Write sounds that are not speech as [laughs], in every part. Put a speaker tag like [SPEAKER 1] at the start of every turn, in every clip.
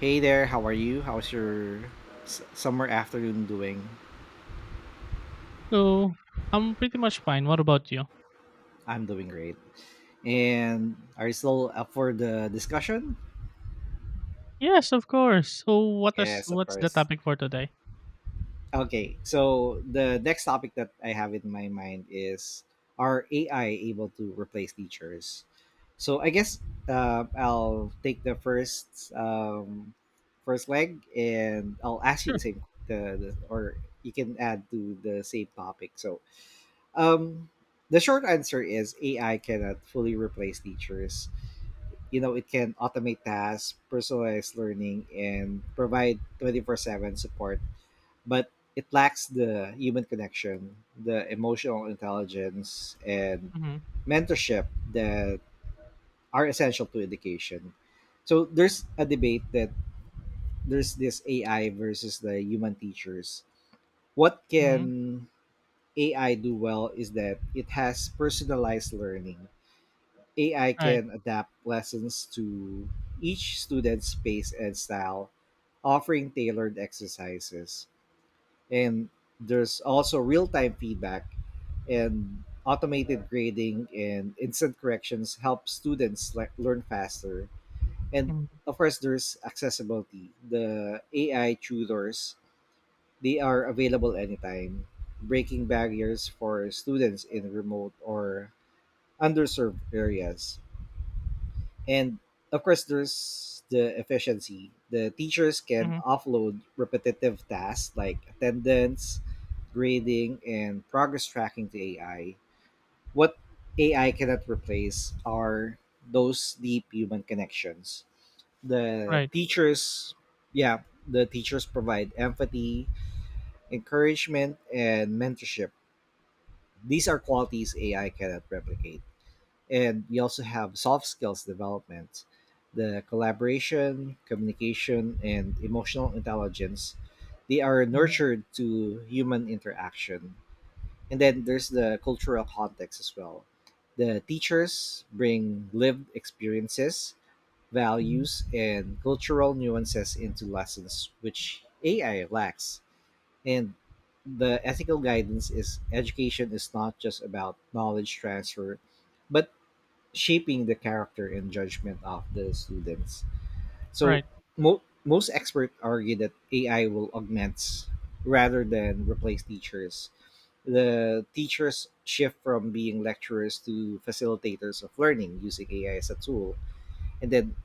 [SPEAKER 1] Hey there, how are you? How's your summer afternoon doing?
[SPEAKER 2] So I'm pretty much fine. What about you?
[SPEAKER 1] I'm doing great. And are you still up for the discussion?
[SPEAKER 2] Yes, of course. So what is
[SPEAKER 1] Yes, of
[SPEAKER 2] what's the
[SPEAKER 1] course.
[SPEAKER 2] topic for today?
[SPEAKER 1] Okay, so the next topic that I have in my mind is, are AI able to replace teachers? So I guess I'll take the first first leg, and I'll ask you the
[SPEAKER 2] Sure.
[SPEAKER 1] same the or you can add to the same topic. Um, the short answer is AI cannot fully replace teachers. You know, it can automate tasks, personalize learning, and provide 24/7 support, but it lacks the human connection, the emotional intelligence, and
[SPEAKER 2] Mm-hmm.
[SPEAKER 1] mentorship that are essential to education. So there's a debate that there's this AI versus the human teachers. What
[SPEAKER 2] Mm-hmm.
[SPEAKER 1] can AI do well is that it has personalized learning. AI
[SPEAKER 2] Right.
[SPEAKER 1] can adapt lessons to each student's space and style, offering tailored exercises. And there's also real time feedback, and automated grading and instant corrections help students learn faster. And
[SPEAKER 2] Mm-hmm.
[SPEAKER 1] of course, there's accessibility. The AI tutors, they are available anytime, breaking barriers for students in remote or underserved areas. And of course, there's the efficiency. The teachers can
[SPEAKER 2] Mm-hmm.
[SPEAKER 1] offload repetitive tasks like attendance, grading, and progress tracking to AI. What AI cannot replace are those deep human connections. The
[SPEAKER 2] Right.
[SPEAKER 1] teachers, yeah, the teachers provide empathy, encouragement, and mentorship. These are qualities AI cannot replicate, and we also have soft skills development, the collaboration, communication, and emotional intelligence. They are
[SPEAKER 2] Mm-hmm.
[SPEAKER 1] nurtured to human interaction. And then there's the cultural context as well. The teachers bring lived experiences,
[SPEAKER 2] Mm-hmm.
[SPEAKER 1] values, and cultural nuances into lessons, which AI lacks. And the ethical guidance is education is not just about knowledge transfer, but shaping the character and judgment of the students. So
[SPEAKER 2] Right.
[SPEAKER 1] most experts argue that AI will augment rather than replace teachers. The teachers shift from being lecturers to facilitators of learning using AI as a tool, and then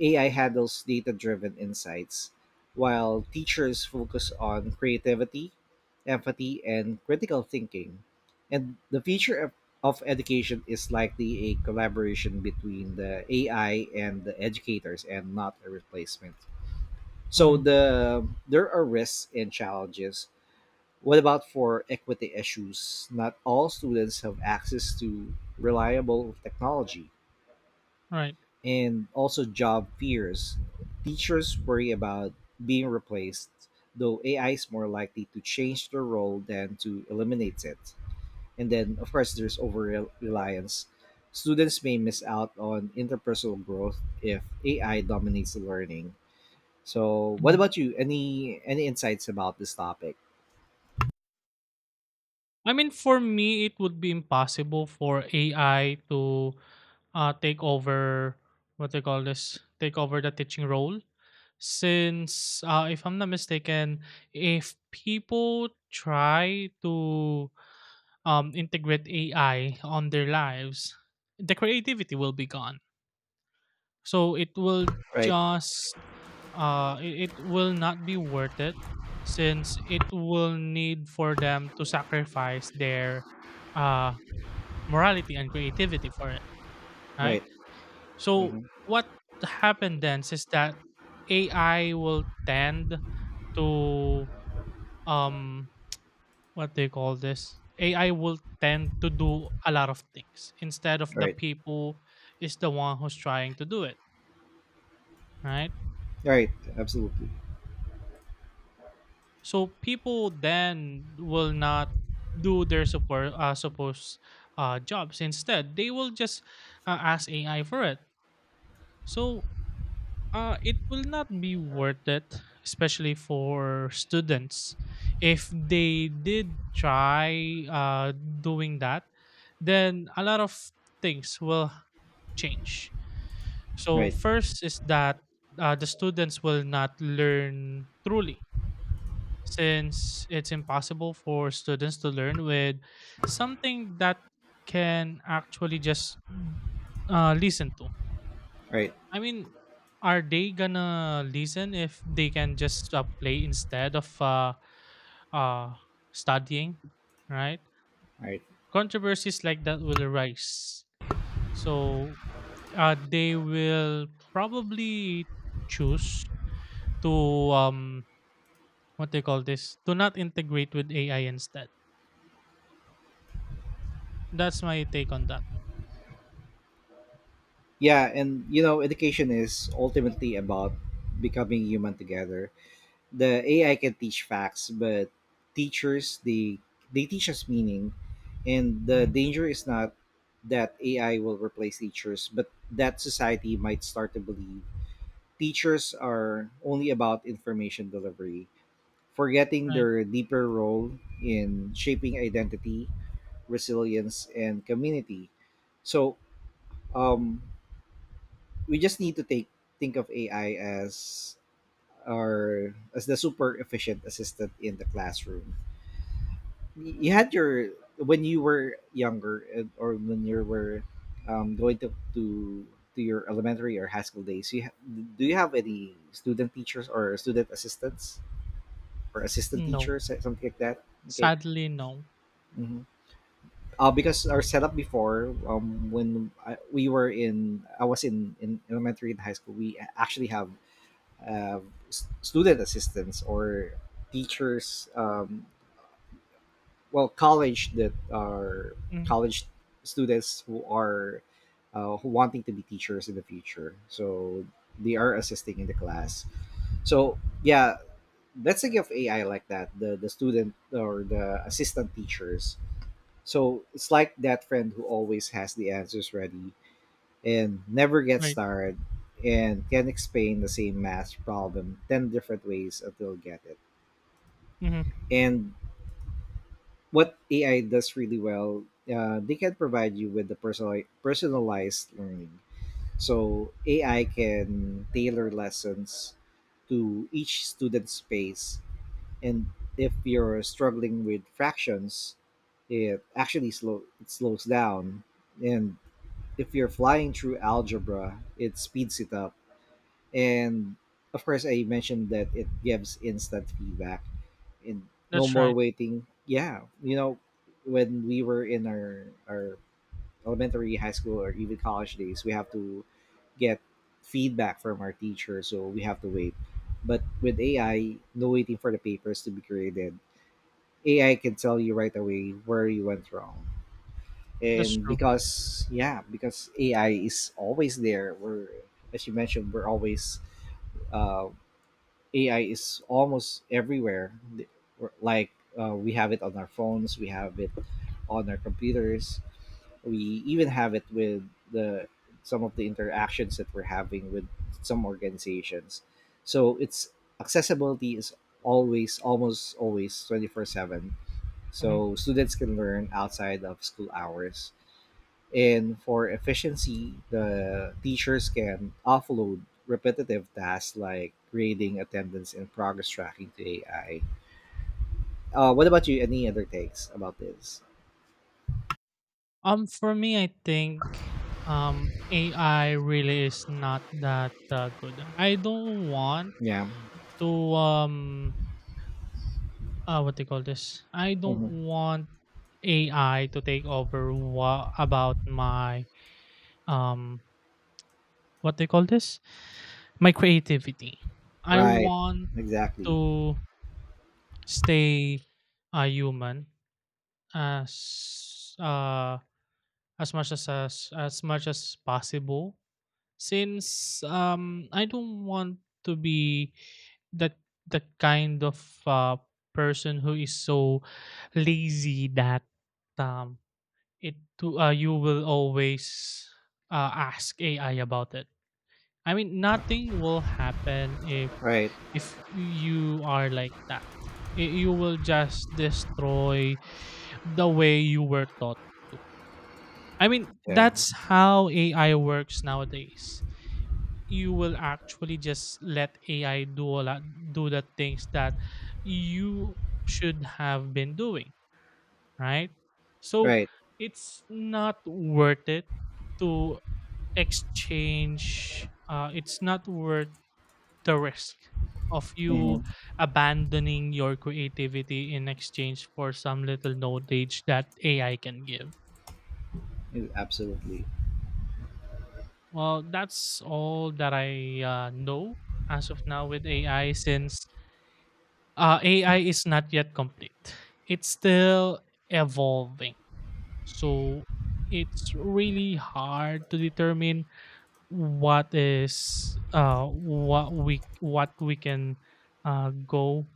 [SPEAKER 1] AI handles data driven insights, while teachers focus on creativity, empathy, and critical thinking. And the future of education is likely a collaboration between the AI and the educators, and not a replacement. So
[SPEAKER 2] Mm-hmm.
[SPEAKER 1] there are risks and challenges. What about for equity issues? Not all students have access to reliable technology,
[SPEAKER 2] Right.
[SPEAKER 1] and also job fears. Teachers worry about being replaced, though AI is more likely to change their role than to eliminate it. And then, of course, there's over reliance. Students may miss out on interpersonal growth if AI dominates learning. So, what
[SPEAKER 2] Mm-hmm.
[SPEAKER 1] about you? Any insights about this topic?
[SPEAKER 2] I mean, for me, it would be impossible for AI to take over what they call this, take over the teaching role. Since, if I'm not mistaken, if people try to integrate AI on their lives, the creativity will be gone, so it
[SPEAKER 1] Right,
[SPEAKER 2] just will not be worth it, since it will need for them to sacrifice their uh morality and creativity for it, right.
[SPEAKER 1] right,
[SPEAKER 2] So
[SPEAKER 1] mm-hmm,
[SPEAKER 2] what happened then is that AI will tend to um what they call this, AI will tend to do a lot of things instead of the
[SPEAKER 1] right,
[SPEAKER 2] people is the one who's trying to do it, right.
[SPEAKER 1] right. Absolutely.
[SPEAKER 2] So people then will not do their support supposed jobs. Instead, they will just ask AI for it. So it will not be worth it, especially for students. If they did try doing that, then a lot of things will change. So
[SPEAKER 1] Right,
[SPEAKER 2] first is that the students will not learn truly, since it's impossible for students to learn with something that can actually just listen to.
[SPEAKER 1] right,
[SPEAKER 2] I mean, are they gonna listen if they can just play instead of uh, studying, right?
[SPEAKER 1] right.
[SPEAKER 2] Controversies like that will arise. So they will probably choose to what they call this, to not integrate with AI instead. That's my take on that.
[SPEAKER 1] Yeah, and you know, education is ultimately about becoming human together. The AI can teach facts, but teachers they teach us meaning. And the
[SPEAKER 2] Mhm,
[SPEAKER 1] danger is not that AI will replace teachers, but that society might start to believe teachers are only about information delivery, forgetting
[SPEAKER 2] right.
[SPEAKER 1] their deeper role in shaping identity, resilience, and community. So, um, we just need to take think of AI as our as the super efficient assistant in the classroom. You had your when you were younger or when you were going to your elementary or high school days. Do you have any student teachers or student assistants or assistant
[SPEAKER 2] No,
[SPEAKER 1] teachers, something like that? Okay.
[SPEAKER 2] sadly, no.
[SPEAKER 1] hmm because our setup before, when we were in, I was in elementary and high school, we actually have uh, student assistants or teachers, well, college, that are
[SPEAKER 2] Mm,
[SPEAKER 1] college students who are who wanting to be teachers in the future, so they are assisting in the class. So yeah, that's a think of AI like that, the student or the assistant teachers. So it's like that friend who always has the answers ready and never gets
[SPEAKER 2] right.
[SPEAKER 1] tired and can explain the same math problem 10 different ways until get it.
[SPEAKER 2] Mhm,
[SPEAKER 1] And what AI does really well, they can provide you with the personalized learning. So AI can tailor lessons to each student's pace, and if you're struggling with fractions, it actually slows down, and if you're flying through algebra, it speeds it up. And of course, I mentioned that it gives instant feedback, and no
[SPEAKER 2] that's
[SPEAKER 1] more
[SPEAKER 2] right.
[SPEAKER 1] waiting. Yeah, you know, when we were in our elementary high school or even college days, we have to get feedback from our teacher, so we have to wait. But with AI, no waiting for the papers to be graded. AI can tell you right away where you went wrong.
[SPEAKER 2] That's
[SPEAKER 1] And
[SPEAKER 2] true.
[SPEAKER 1] because, yeah, because AI is always there, we're as you mentioned, we're always, uh, AI is almost everywhere. Like, we have it on our phones, we have it on our computers, we even have it with the some of the interactions that we're having with some organizations. So its accessibility is always, almost always, 24/7.
[SPEAKER 2] Mhm.
[SPEAKER 1] So students can learn outside of school hours. And for efficiency, the teachers can offload repetitive tasks like grading, attendance, and progress tracking to AI. What about you? Any other takes about this?
[SPEAKER 2] For me, I think AI really is not that good. I don't want
[SPEAKER 1] Yeah.
[SPEAKER 2] to um what they call this? I don't
[SPEAKER 1] Mhm.
[SPEAKER 2] want AI to take over about my um what they call this? My creativity. I
[SPEAKER 1] Right.
[SPEAKER 2] want
[SPEAKER 1] Exactly.
[SPEAKER 2] to stay a human as uh as much as possible, since I don't want to be that the kind of uh, person who is so lazy that um it to you will always ask AI about it. I mean, nothing will happen if
[SPEAKER 1] Right.
[SPEAKER 2] you are like that. You will just destroy the way you were taught to. I mean,
[SPEAKER 1] Yeah.
[SPEAKER 2] that's how AI works nowadays. You will actually just let AI do the things that you should have been doing, right? So
[SPEAKER 1] Right.
[SPEAKER 2] it's not worth it to exchange. It's not worth the risk of
[SPEAKER 1] Hmm.
[SPEAKER 2] you abandoning your creativity in exchange for some little knowledge that AI can give.
[SPEAKER 1] Absolutely.
[SPEAKER 2] Well, that's all that I know as of now with AI, since AI is not yet complete. It's still evolving. So it's really hard to determine what is uh what we what we can uh go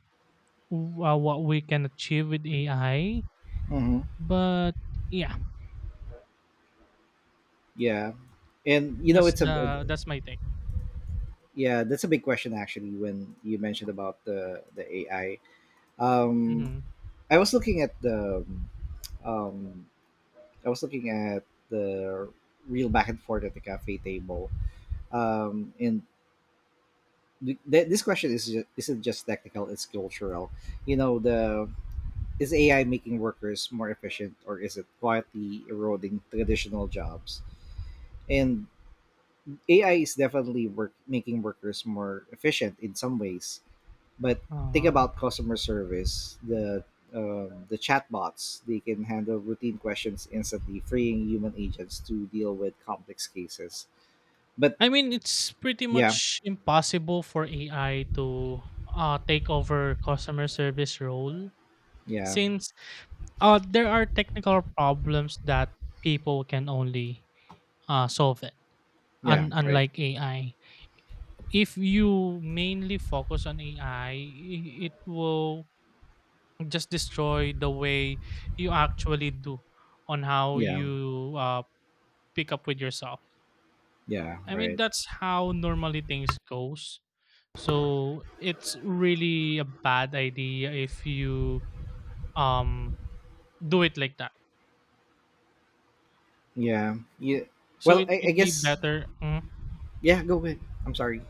[SPEAKER 2] what we can achieve with AI.
[SPEAKER 1] Hmm.
[SPEAKER 2] But yeah,
[SPEAKER 1] Yeah. And you know, it's a
[SPEAKER 2] that's my take.
[SPEAKER 1] yeah, that's a big question actually. When you mentioned about the AI, um,
[SPEAKER 2] hmm
[SPEAKER 1] I was looking at the um, I was looking at the real back and forth at the cafe table. Um, and this question is isn't just technical; it's cultural. You know, the is AI making workers more efficient, or is it quietly eroding traditional jobs? And AI is definitely work making workers more efficient in some ways. But think
[SPEAKER 2] Uh,
[SPEAKER 1] about customer service. The chatbots, they can handle routine questions instantly, freeing human agents to deal with complex cases. But
[SPEAKER 2] I mean, it's pretty
[SPEAKER 1] yeah,
[SPEAKER 2] much impossible for AI to take over customer service role,
[SPEAKER 1] yeah,
[SPEAKER 2] since there are technical problems that people can only solve it.
[SPEAKER 1] yeah,
[SPEAKER 2] Un
[SPEAKER 1] right.
[SPEAKER 2] unlike AI. If you mainly focus on AI, it will just destroy the way you actually do on how
[SPEAKER 1] Yeah,
[SPEAKER 2] you pick up with yourself.
[SPEAKER 1] yeah,
[SPEAKER 2] I mean,
[SPEAKER 1] right.
[SPEAKER 2] that's how normally things goes. So it's really a bad idea if you um do it like that.
[SPEAKER 1] Yeah, yeah.
[SPEAKER 2] So
[SPEAKER 1] Well,
[SPEAKER 2] it
[SPEAKER 1] I
[SPEAKER 2] would be
[SPEAKER 1] guess
[SPEAKER 2] better.
[SPEAKER 1] yeah. Go ahead. I'm sorry.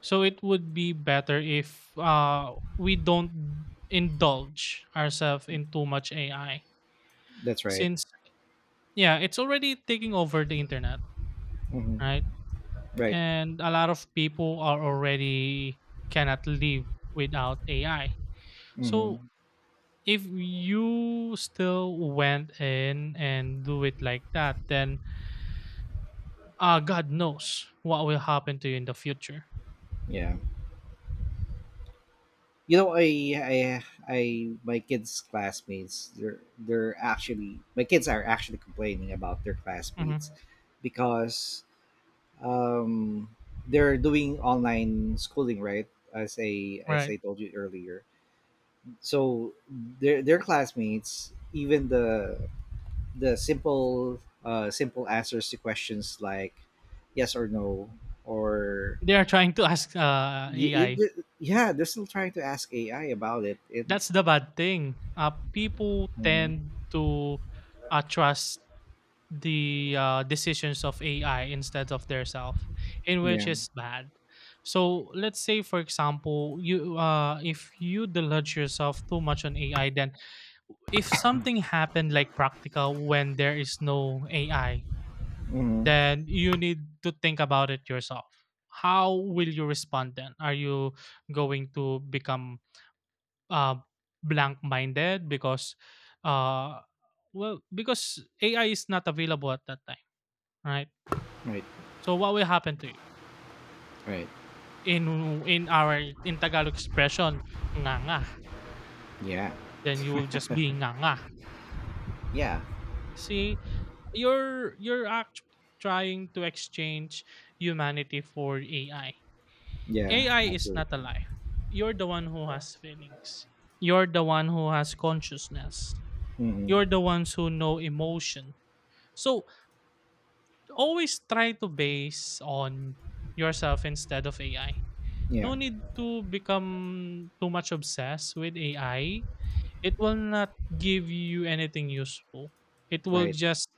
[SPEAKER 2] So it would be better if we don't indulge ourselves in too much AI,
[SPEAKER 1] That's right.
[SPEAKER 2] since yeah, it's already taking over the internet,
[SPEAKER 1] Hmm.
[SPEAKER 2] right?
[SPEAKER 1] Right.
[SPEAKER 2] And a lot of people are already cannot live without AI. So
[SPEAKER 1] Hmm.
[SPEAKER 2] if you still went in and do it like that, then God knows what will happen to you in the future.
[SPEAKER 1] Yeah. You know, I my kids classmates, they're actually my kids are actually complaining about their classmates
[SPEAKER 2] Mhm.
[SPEAKER 1] because um they're doing online schooling, right, as
[SPEAKER 2] Right?
[SPEAKER 1] I told you earlier. So their classmates, even the simple, simple answers to questions like yes or no or
[SPEAKER 2] They are trying to ask AI.
[SPEAKER 1] yeah, they're still trying to ask AI about it.
[SPEAKER 2] That's the bad thing. People
[SPEAKER 1] Mhm.
[SPEAKER 2] tend to trust the decisions of AI instead of their self, in which
[SPEAKER 1] Yeah.
[SPEAKER 2] is bad. So let's say, for example, you if you deluge yourself too much on AI, then if something happened like practical when there is no AI,
[SPEAKER 1] Hmm.
[SPEAKER 2] then you need to think about it yourself. How will you respond then? Are you going to become uh, blank-minded uh, because AI is not available at that time, right?
[SPEAKER 1] Right.
[SPEAKER 2] So what will happen to you
[SPEAKER 1] Right.
[SPEAKER 2] in in our in Tagalog expression, nga nga?
[SPEAKER 1] Yeah.
[SPEAKER 2] Then you will just be nga nga.
[SPEAKER 1] Yeah.
[SPEAKER 2] See, you're actually trying to exchange humanity for AI.
[SPEAKER 1] Yeah.
[SPEAKER 2] AI is not
[SPEAKER 1] Absolutely.
[SPEAKER 2] alive. You're the one who has feelings. You're the one who has consciousness.
[SPEAKER 1] Hmm.
[SPEAKER 2] You're the ones who know emotion. So always try to base on yourself instead of AI.
[SPEAKER 1] Yeah.
[SPEAKER 2] No need to become too much obsessed with AI. It will not give you anything useful. It will
[SPEAKER 1] Right.
[SPEAKER 2] just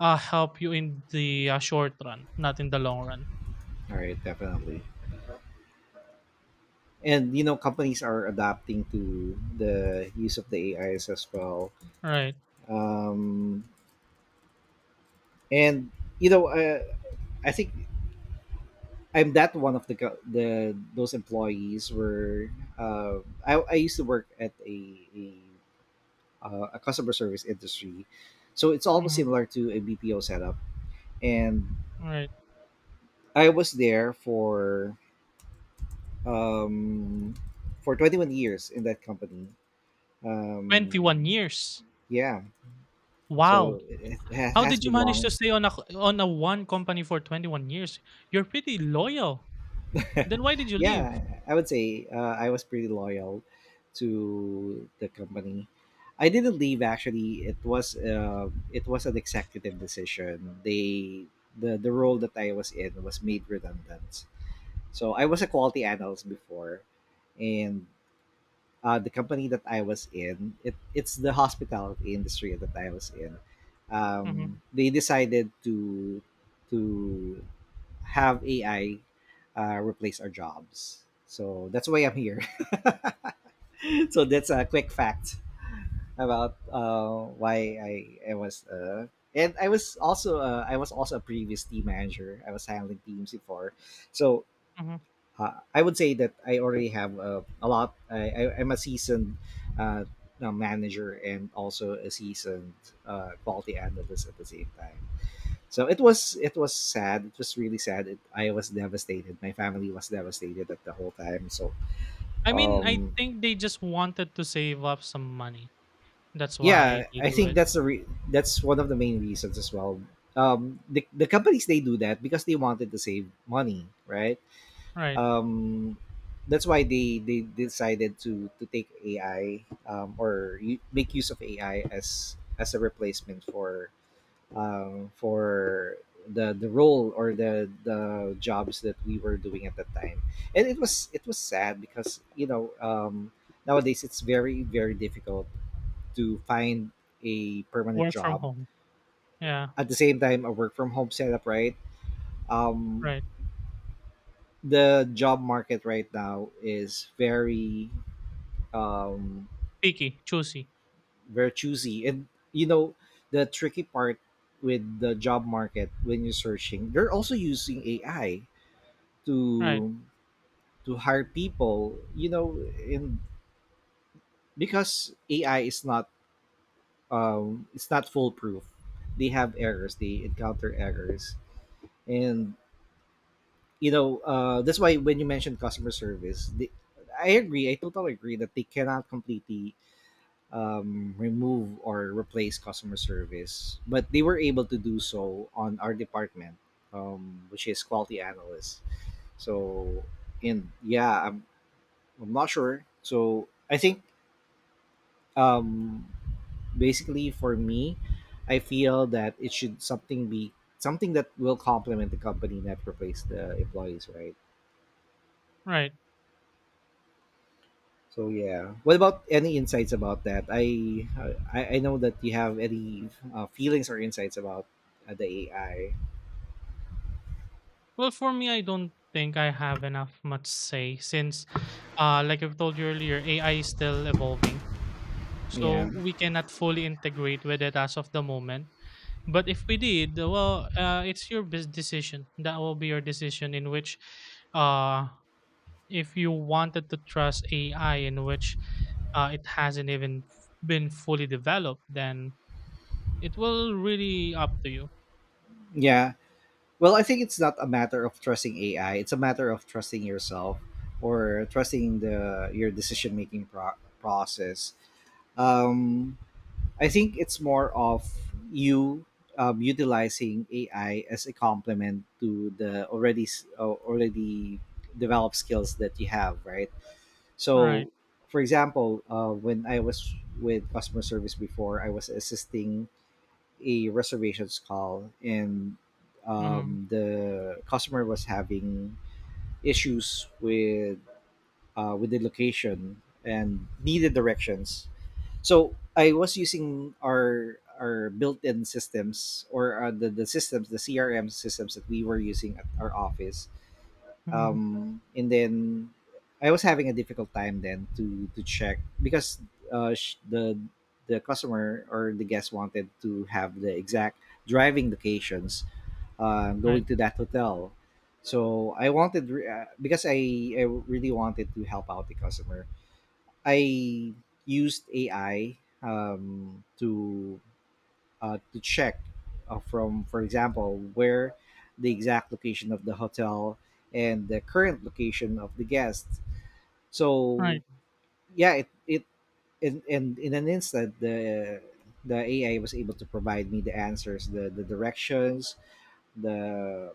[SPEAKER 2] help you in the short run, not in the long run.
[SPEAKER 1] All right. Definitely. And you know, companies are adapting to the use of the AIs as well.
[SPEAKER 2] Right.
[SPEAKER 1] Um, and You know, I think I'm that one of the those employees were. Uh, I used to work at a, a customer service industry, so it's almost
[SPEAKER 2] Mhm.
[SPEAKER 1] similar to a BPO setup, and
[SPEAKER 2] Right.
[SPEAKER 1] I was there um, for 21 years in that company.
[SPEAKER 2] 21
[SPEAKER 1] Um,
[SPEAKER 2] years.
[SPEAKER 1] yeah,
[SPEAKER 2] Wow.
[SPEAKER 1] so it
[SPEAKER 2] How
[SPEAKER 1] has
[SPEAKER 2] did you
[SPEAKER 1] been
[SPEAKER 2] manage to
[SPEAKER 1] long.
[SPEAKER 2] stay on a one company for 21 years? You're pretty loyal.
[SPEAKER 1] [laughs]
[SPEAKER 2] Then why did you leave?
[SPEAKER 1] Yeah, I would say I was pretty loyal to the company. I didn't leave actually. It was an executive decision. The role that I was in was made redundant. So I was a quality analyst before, and the company that I was in, it's the hospitality industry that I was in.
[SPEAKER 2] Mhm.
[SPEAKER 1] They decided to have AI replace our jobs. So that's why I'm here. [laughs] So that's a quick fact about why I was . And I was also a previous team manager. I was handling teams before, so
[SPEAKER 2] Mhm.
[SPEAKER 1] I would say that I already have a lot. I'm a seasoned uh, manager and also a seasoned, quality analyst at the same time. So it was sad. It was really sad. I was devastated. My family was devastated at the whole time. So
[SPEAKER 2] I mean, I
[SPEAKER 1] um,
[SPEAKER 2] think they just wanted to save up some money. That's why
[SPEAKER 1] yeah,
[SPEAKER 2] they
[SPEAKER 1] I
[SPEAKER 2] do
[SPEAKER 1] think
[SPEAKER 2] it.
[SPEAKER 1] that's that's one of the main reasons as well. The companies, they do that because they wanted to save money, right?
[SPEAKER 2] Right.
[SPEAKER 1] Um, that's why they decided to take AI, make use of AI as a replacement for the role or the jobs that we were doing at that time. And it was sad because you know, nowadays it's very very difficult to find a permanent
[SPEAKER 2] Work from
[SPEAKER 1] job
[SPEAKER 2] home. Yeah.
[SPEAKER 1] at the same time, a work from home setup, right? um,
[SPEAKER 2] Right.
[SPEAKER 1] the job market right now is very, um,
[SPEAKER 2] Picky, choosy.
[SPEAKER 1] very choosy. And you know, the tricky part with the job market when you're searching, they're also using AI
[SPEAKER 2] Right.
[SPEAKER 1] to to hire people. You know, and because AI is not, it's not foolproof. They have errors. They encounter errors, and you know, that's why when you mentioned customer service, I agree. I totally agree that they cannot completely, remove or replace customer service, but they were able to do so on our department, which is quality analyst. So, and yeah, I'm not sure. So, I think um, basically for me, I feel that it should something be something that will complement the company, not replace the employees, right?
[SPEAKER 2] Right.
[SPEAKER 1] So yeah, what about any insights about that? I know that you have any feelings or insights about the AI.
[SPEAKER 2] Well, for me, I don't think I have enough much say, since like I've told you earlier, AI is still evolving. So
[SPEAKER 1] Yeah,
[SPEAKER 2] we cannot fully integrate with it as of the moment. But if we did, well, it's your decision. That will be your decision in which uh, if you wanted to trust AI, in which it hasn't even been fully developed, then it will really up to you.
[SPEAKER 1] yeah. Well, I think it's not a matter of trusting AI. It's a matter of trusting yourself or trusting the your decision making process. Um, I think it's more of you utilizing AI as a complement to the already developed skills that you have, right?
[SPEAKER 2] Right.
[SPEAKER 1] So, for example, when I was with customer service before, I was assisting a reservations call, and
[SPEAKER 2] Mm-hmm.
[SPEAKER 1] the customer was having issues with the location and needed directions. So I was using our built-in systems, or the systems, the CRM systems that we were using at our office,
[SPEAKER 2] Mm-hmm.
[SPEAKER 1] and then I was having a difficult time then to check, because uh, sh- the the customer or the guest wanted to have the exact driving locations, going
[SPEAKER 2] Right.
[SPEAKER 1] to that hotel. So I wanted because I really wanted to help out the customer. I used AI to check, for example, where the exact location of the hotel and the current location of the guest. So
[SPEAKER 2] Right.
[SPEAKER 1] yeah, it in an instant, the AI was able to provide me the answers, the directions, the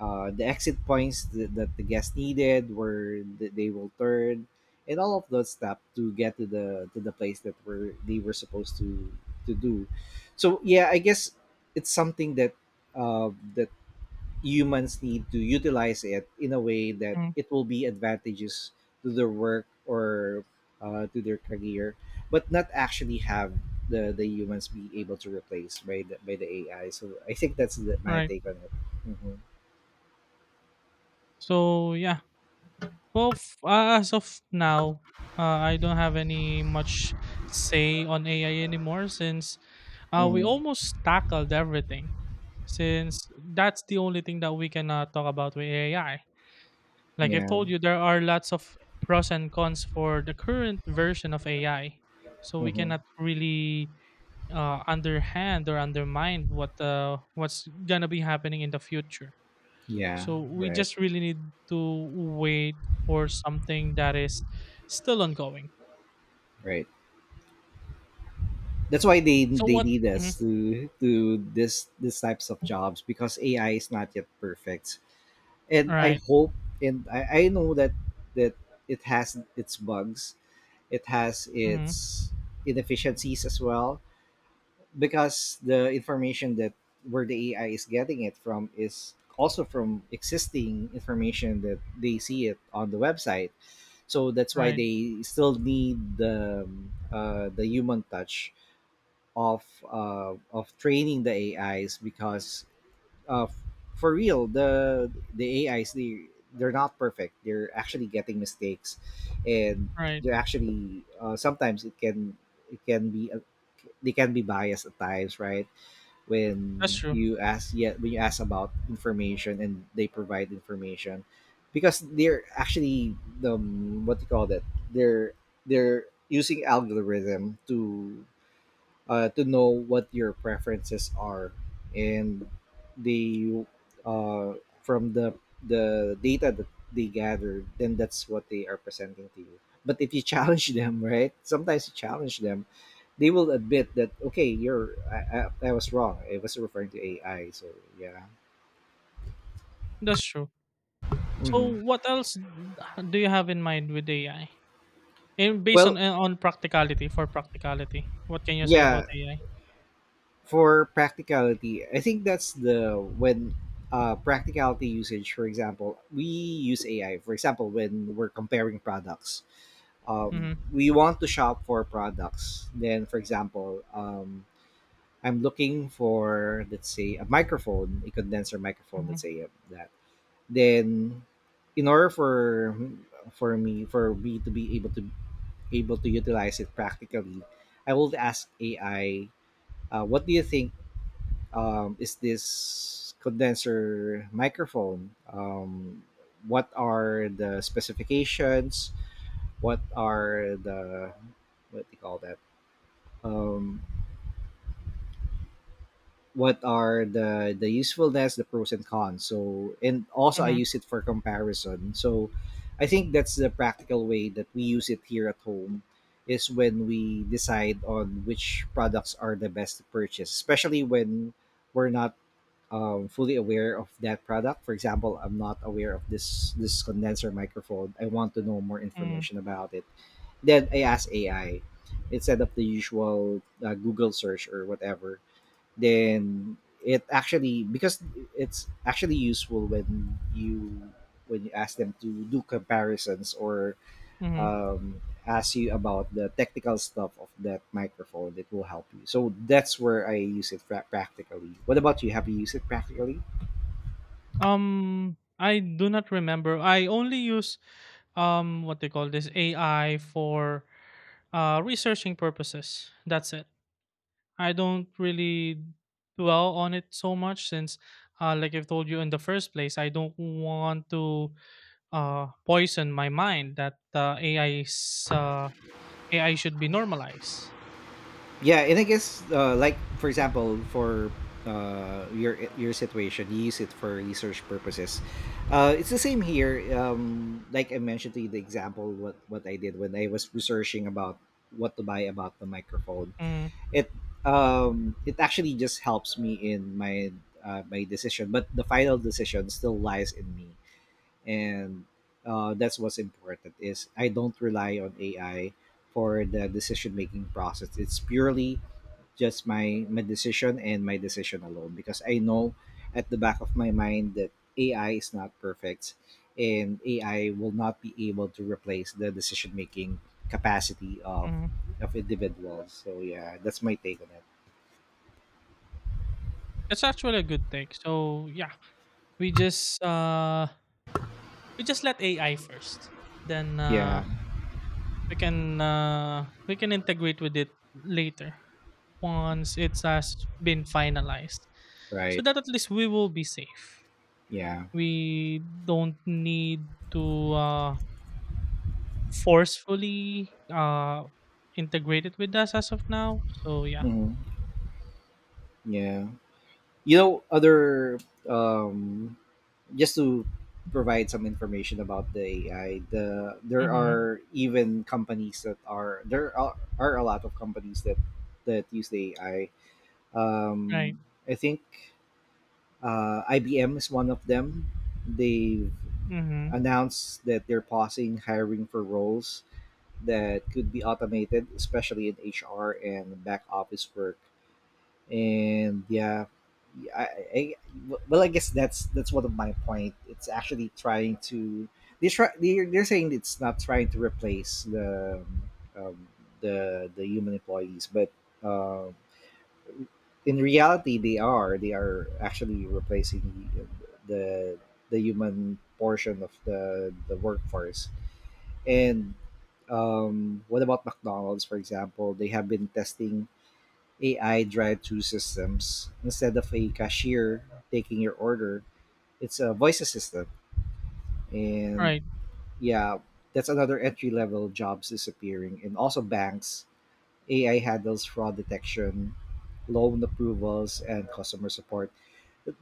[SPEAKER 1] the exit points that the guest needed, were that they will turn and all of those stuff to get to the place that were they were supposed to do. So yeah, I guess it's something that, that humans need to utilize it in a way that
[SPEAKER 2] Mm-hmm.
[SPEAKER 1] it will be advantageous to their work, or, to their career, but not actually have the humans be able to replace by the AI. So I think that's my
[SPEAKER 2] Right.
[SPEAKER 1] take on it.
[SPEAKER 2] So yeah. Well, as of now, uh, I don't have any much say on AI anymore, since we
[SPEAKER 1] Hmm.
[SPEAKER 2] almost tackled everything. Since that's the only thing that we can talk about with AI. Like I've told
[SPEAKER 1] Yeah.
[SPEAKER 2] you, there are lots of pros and cons for the current version of AI. So we
[SPEAKER 1] Hmm.
[SPEAKER 2] cannot really underhand or undermine what's gonna be happening in the future.
[SPEAKER 1] Yeah.
[SPEAKER 2] So we
[SPEAKER 1] Right.
[SPEAKER 2] just really need to wait for something that is still ongoing.
[SPEAKER 1] Right. That's why they
[SPEAKER 2] So
[SPEAKER 1] they
[SPEAKER 2] what?
[SPEAKER 1] need
[SPEAKER 2] Mhm,
[SPEAKER 1] us to this these types of jobs, because AI is not yet perfect. And I
[SPEAKER 2] right.
[SPEAKER 1] hope, and I know that it has its bugs. It has
[SPEAKER 2] Mhm,
[SPEAKER 1] its inefficiencies as well, because the information that where the AI is getting it from is also from existing information that they see it on the website. So that's why
[SPEAKER 2] right.
[SPEAKER 1] they still need the human touch of of training the AIs, because, uh, for real, the AIs, they're not perfect. They're actually getting mistakes, and
[SPEAKER 2] Right.
[SPEAKER 1] they're actually, sometimes it can be, they can be biased at times, right?
[SPEAKER 2] That's
[SPEAKER 1] When
[SPEAKER 2] true.
[SPEAKER 1] you ask, yeah, when you ask about information, and they provide information, because they're actually, the what do you call that, they're using algorithm to, to know what your preferences are, and they, uh, from the data that they gather, then that's what they are presenting to you. But if you [laughs] challenge them, right, sometimes you challenge them, they will admit that, okay, I was wrong. I was referring to AI, so yeah.
[SPEAKER 2] That's true. So
[SPEAKER 1] Hmm.
[SPEAKER 2] what else do you have in mind with AI? And based
[SPEAKER 1] Well,
[SPEAKER 2] on practicality, for practicality, what can you say about
[SPEAKER 1] yeah,
[SPEAKER 2] AI?
[SPEAKER 1] for practicality, I think that's the when practicality usage. For example, we use AI. For example, when we're comparing products,
[SPEAKER 2] Mhm,
[SPEAKER 1] we want to shop for products. Then, for example, I'm looking for, let's say, a microphone, a condenser microphone. Let's
[SPEAKER 2] mhm,
[SPEAKER 1] say, that. Then, in order for me to be able to, utilize it practically, I will ask AI, what do you think, is this condenser microphone? What are the specifications? What are the, what do you call that? Um, what are the usefulness, the pros and cons? So, and also I
[SPEAKER 2] mhm,
[SPEAKER 1] use it for comparison. So I think that's the practical way that we use it here at home, is when we decide on which products are the best to purchase, especially when we're not, fully aware of that product. For example, I'm not aware of this condenser microphone. I want to know more
[SPEAKER 2] mhm,
[SPEAKER 1] information about it. Then I ask AI instead of the usual, Google search or whatever. Then, it actually because it's actually useful when you ask them to do comparisons, or,
[SPEAKER 2] mhm.
[SPEAKER 1] um, ask you about the technical stuff of that microphone. It will help you. So that's where I use it practically. What about you? Have you used it practically?
[SPEAKER 2] I do not remember. I only use what they call this, AI, for researching purposes. That's it. I don't really dwell on it so much, since like I've told you in the first place, I don't want to poison my mind that AI should be normalized.
[SPEAKER 1] Yeah, and I guess, like, for example, for, your situation, you use it for research purposes. It's the same here. Like I mentioned to you, the example, what I did when I was researching about what to buy about the microphone.
[SPEAKER 2] Mm,
[SPEAKER 1] It it actually just helps me in my decision, but the final decision still lies in me, and, that's what's important, is I don't rely on AI for the decision making process. It's purely just my decision and my decision alone, because I know at the back of my mind that AI is not perfect, and AI will not be able to replace the decision making capacity
[SPEAKER 2] mm.
[SPEAKER 1] of individuals. So yeah, that's my take on it.
[SPEAKER 2] That's actually a good thing. So yeah, we just uh we just let AI first. Then
[SPEAKER 1] Yeah,
[SPEAKER 2] we can integrate with it later, once it has been finalized, so
[SPEAKER 1] right.
[SPEAKER 2] that at least we will be safe.
[SPEAKER 1] Yeah.
[SPEAKER 2] We don't need to forcefully integrate it with us as of now. So yeah.
[SPEAKER 1] Hmm. Yeah. You know, other, um just to provide some information about the AI, there
[SPEAKER 2] Mm-hmm.
[SPEAKER 1] are even companies that are there are a lot of companies that use the AI.
[SPEAKER 2] Right.
[SPEAKER 1] Um, I think, IBM is one of them. They've
[SPEAKER 2] Mm-hmm.
[SPEAKER 1] announced that they're pausing hiring for roles that could be automated, especially in HR and back office work. And yeah, I well, I guess that's one of my point. It's actually trying to, they're saying it's not trying to replace um, the human employees, but, uh, in reality, they are, actually replacing the the human portion of the workforce. And, what about McDonald's, for example, they have been testing AI drive-through systems. Instead of a cashier taking your order, it's a voice assistant. And
[SPEAKER 2] Right.
[SPEAKER 1] yeah, that's another entry level jobs disappearing. And also banks, AI handles fraud detection, loan approvals, and customer support.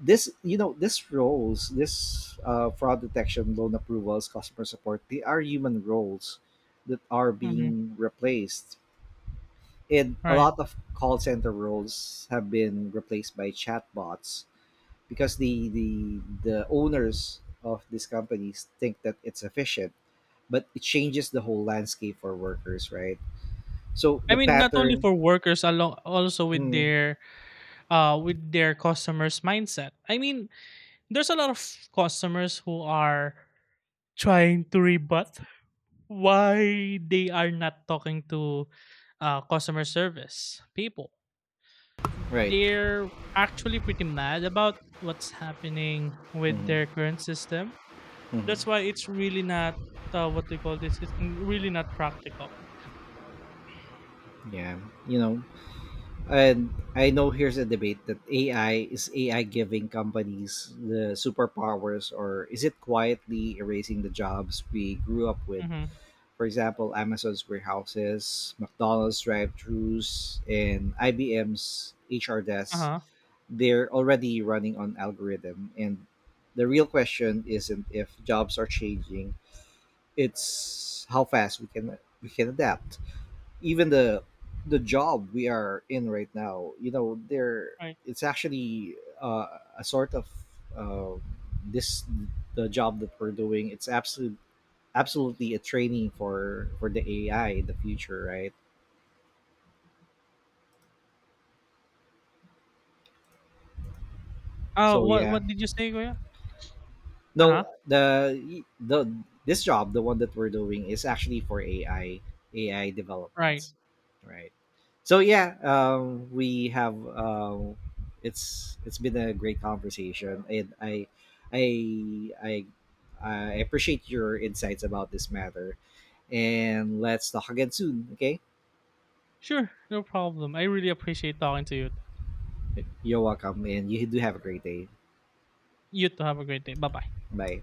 [SPEAKER 1] This, this roles, this, fraud detection, loan approvals, customer support, they are human roles that are
[SPEAKER 2] Mm-hmm.
[SPEAKER 1] being replaced, and a
[SPEAKER 2] Right.
[SPEAKER 1] lot of call center roles have been replaced by chatbots, because the the owners of these companies think that it's efficient, but it changes the whole landscape for workers, right? So
[SPEAKER 2] I
[SPEAKER 1] the
[SPEAKER 2] mean, not only
[SPEAKER 1] pattern.
[SPEAKER 2] for workers, along also
[SPEAKER 1] Mm.
[SPEAKER 2] with their customers mindset, I mean. There's a lot of customers who are trying to rebut why they are not talking to customer service people.
[SPEAKER 1] Right?
[SPEAKER 2] They're actually pretty mad about what's happening with their
[SPEAKER 1] Hmm.
[SPEAKER 2] current system. That's
[SPEAKER 1] Hmm.
[SPEAKER 2] why it's really not what they call this. It's really not practical.
[SPEAKER 1] Yeah, you know, and I know here's a debate, that AI is AI giving companies the superpowers, or is it quietly erasing the jobs we grew up with?
[SPEAKER 2] Mm-hmm.
[SPEAKER 1] For example, Amazon's warehouses, McDonald's drive-thrus, and IBM's HR
[SPEAKER 2] Uh
[SPEAKER 1] desks,
[SPEAKER 2] huh.
[SPEAKER 1] they're already running on algorithm. And the real question isn't if jobs are changing, it's how fast we can adapt. Even the job we are in right now, you know, there
[SPEAKER 2] Right.
[SPEAKER 1] it's actually, uh, a sort of, uh, this the job that we're doing. It's absolutely a training for the AI in the future, right?
[SPEAKER 2] Uh,
[SPEAKER 1] So
[SPEAKER 2] what
[SPEAKER 1] yeah,
[SPEAKER 2] what did you say, Goya? Uh huh.
[SPEAKER 1] no, the this job, the one that we're doing, is actually for AI AI
[SPEAKER 2] Right.
[SPEAKER 1] developments, right? So yeah, we have it's been a great conversation, and I I I appreciate your insights about this matter, and let's talk again soon. Okay,
[SPEAKER 2] Sure. No problem. I really appreciate talking to you.
[SPEAKER 1] you're welcome, and you do have a great day.
[SPEAKER 2] You too. Have a great day. Bye bye.
[SPEAKER 1] Bye.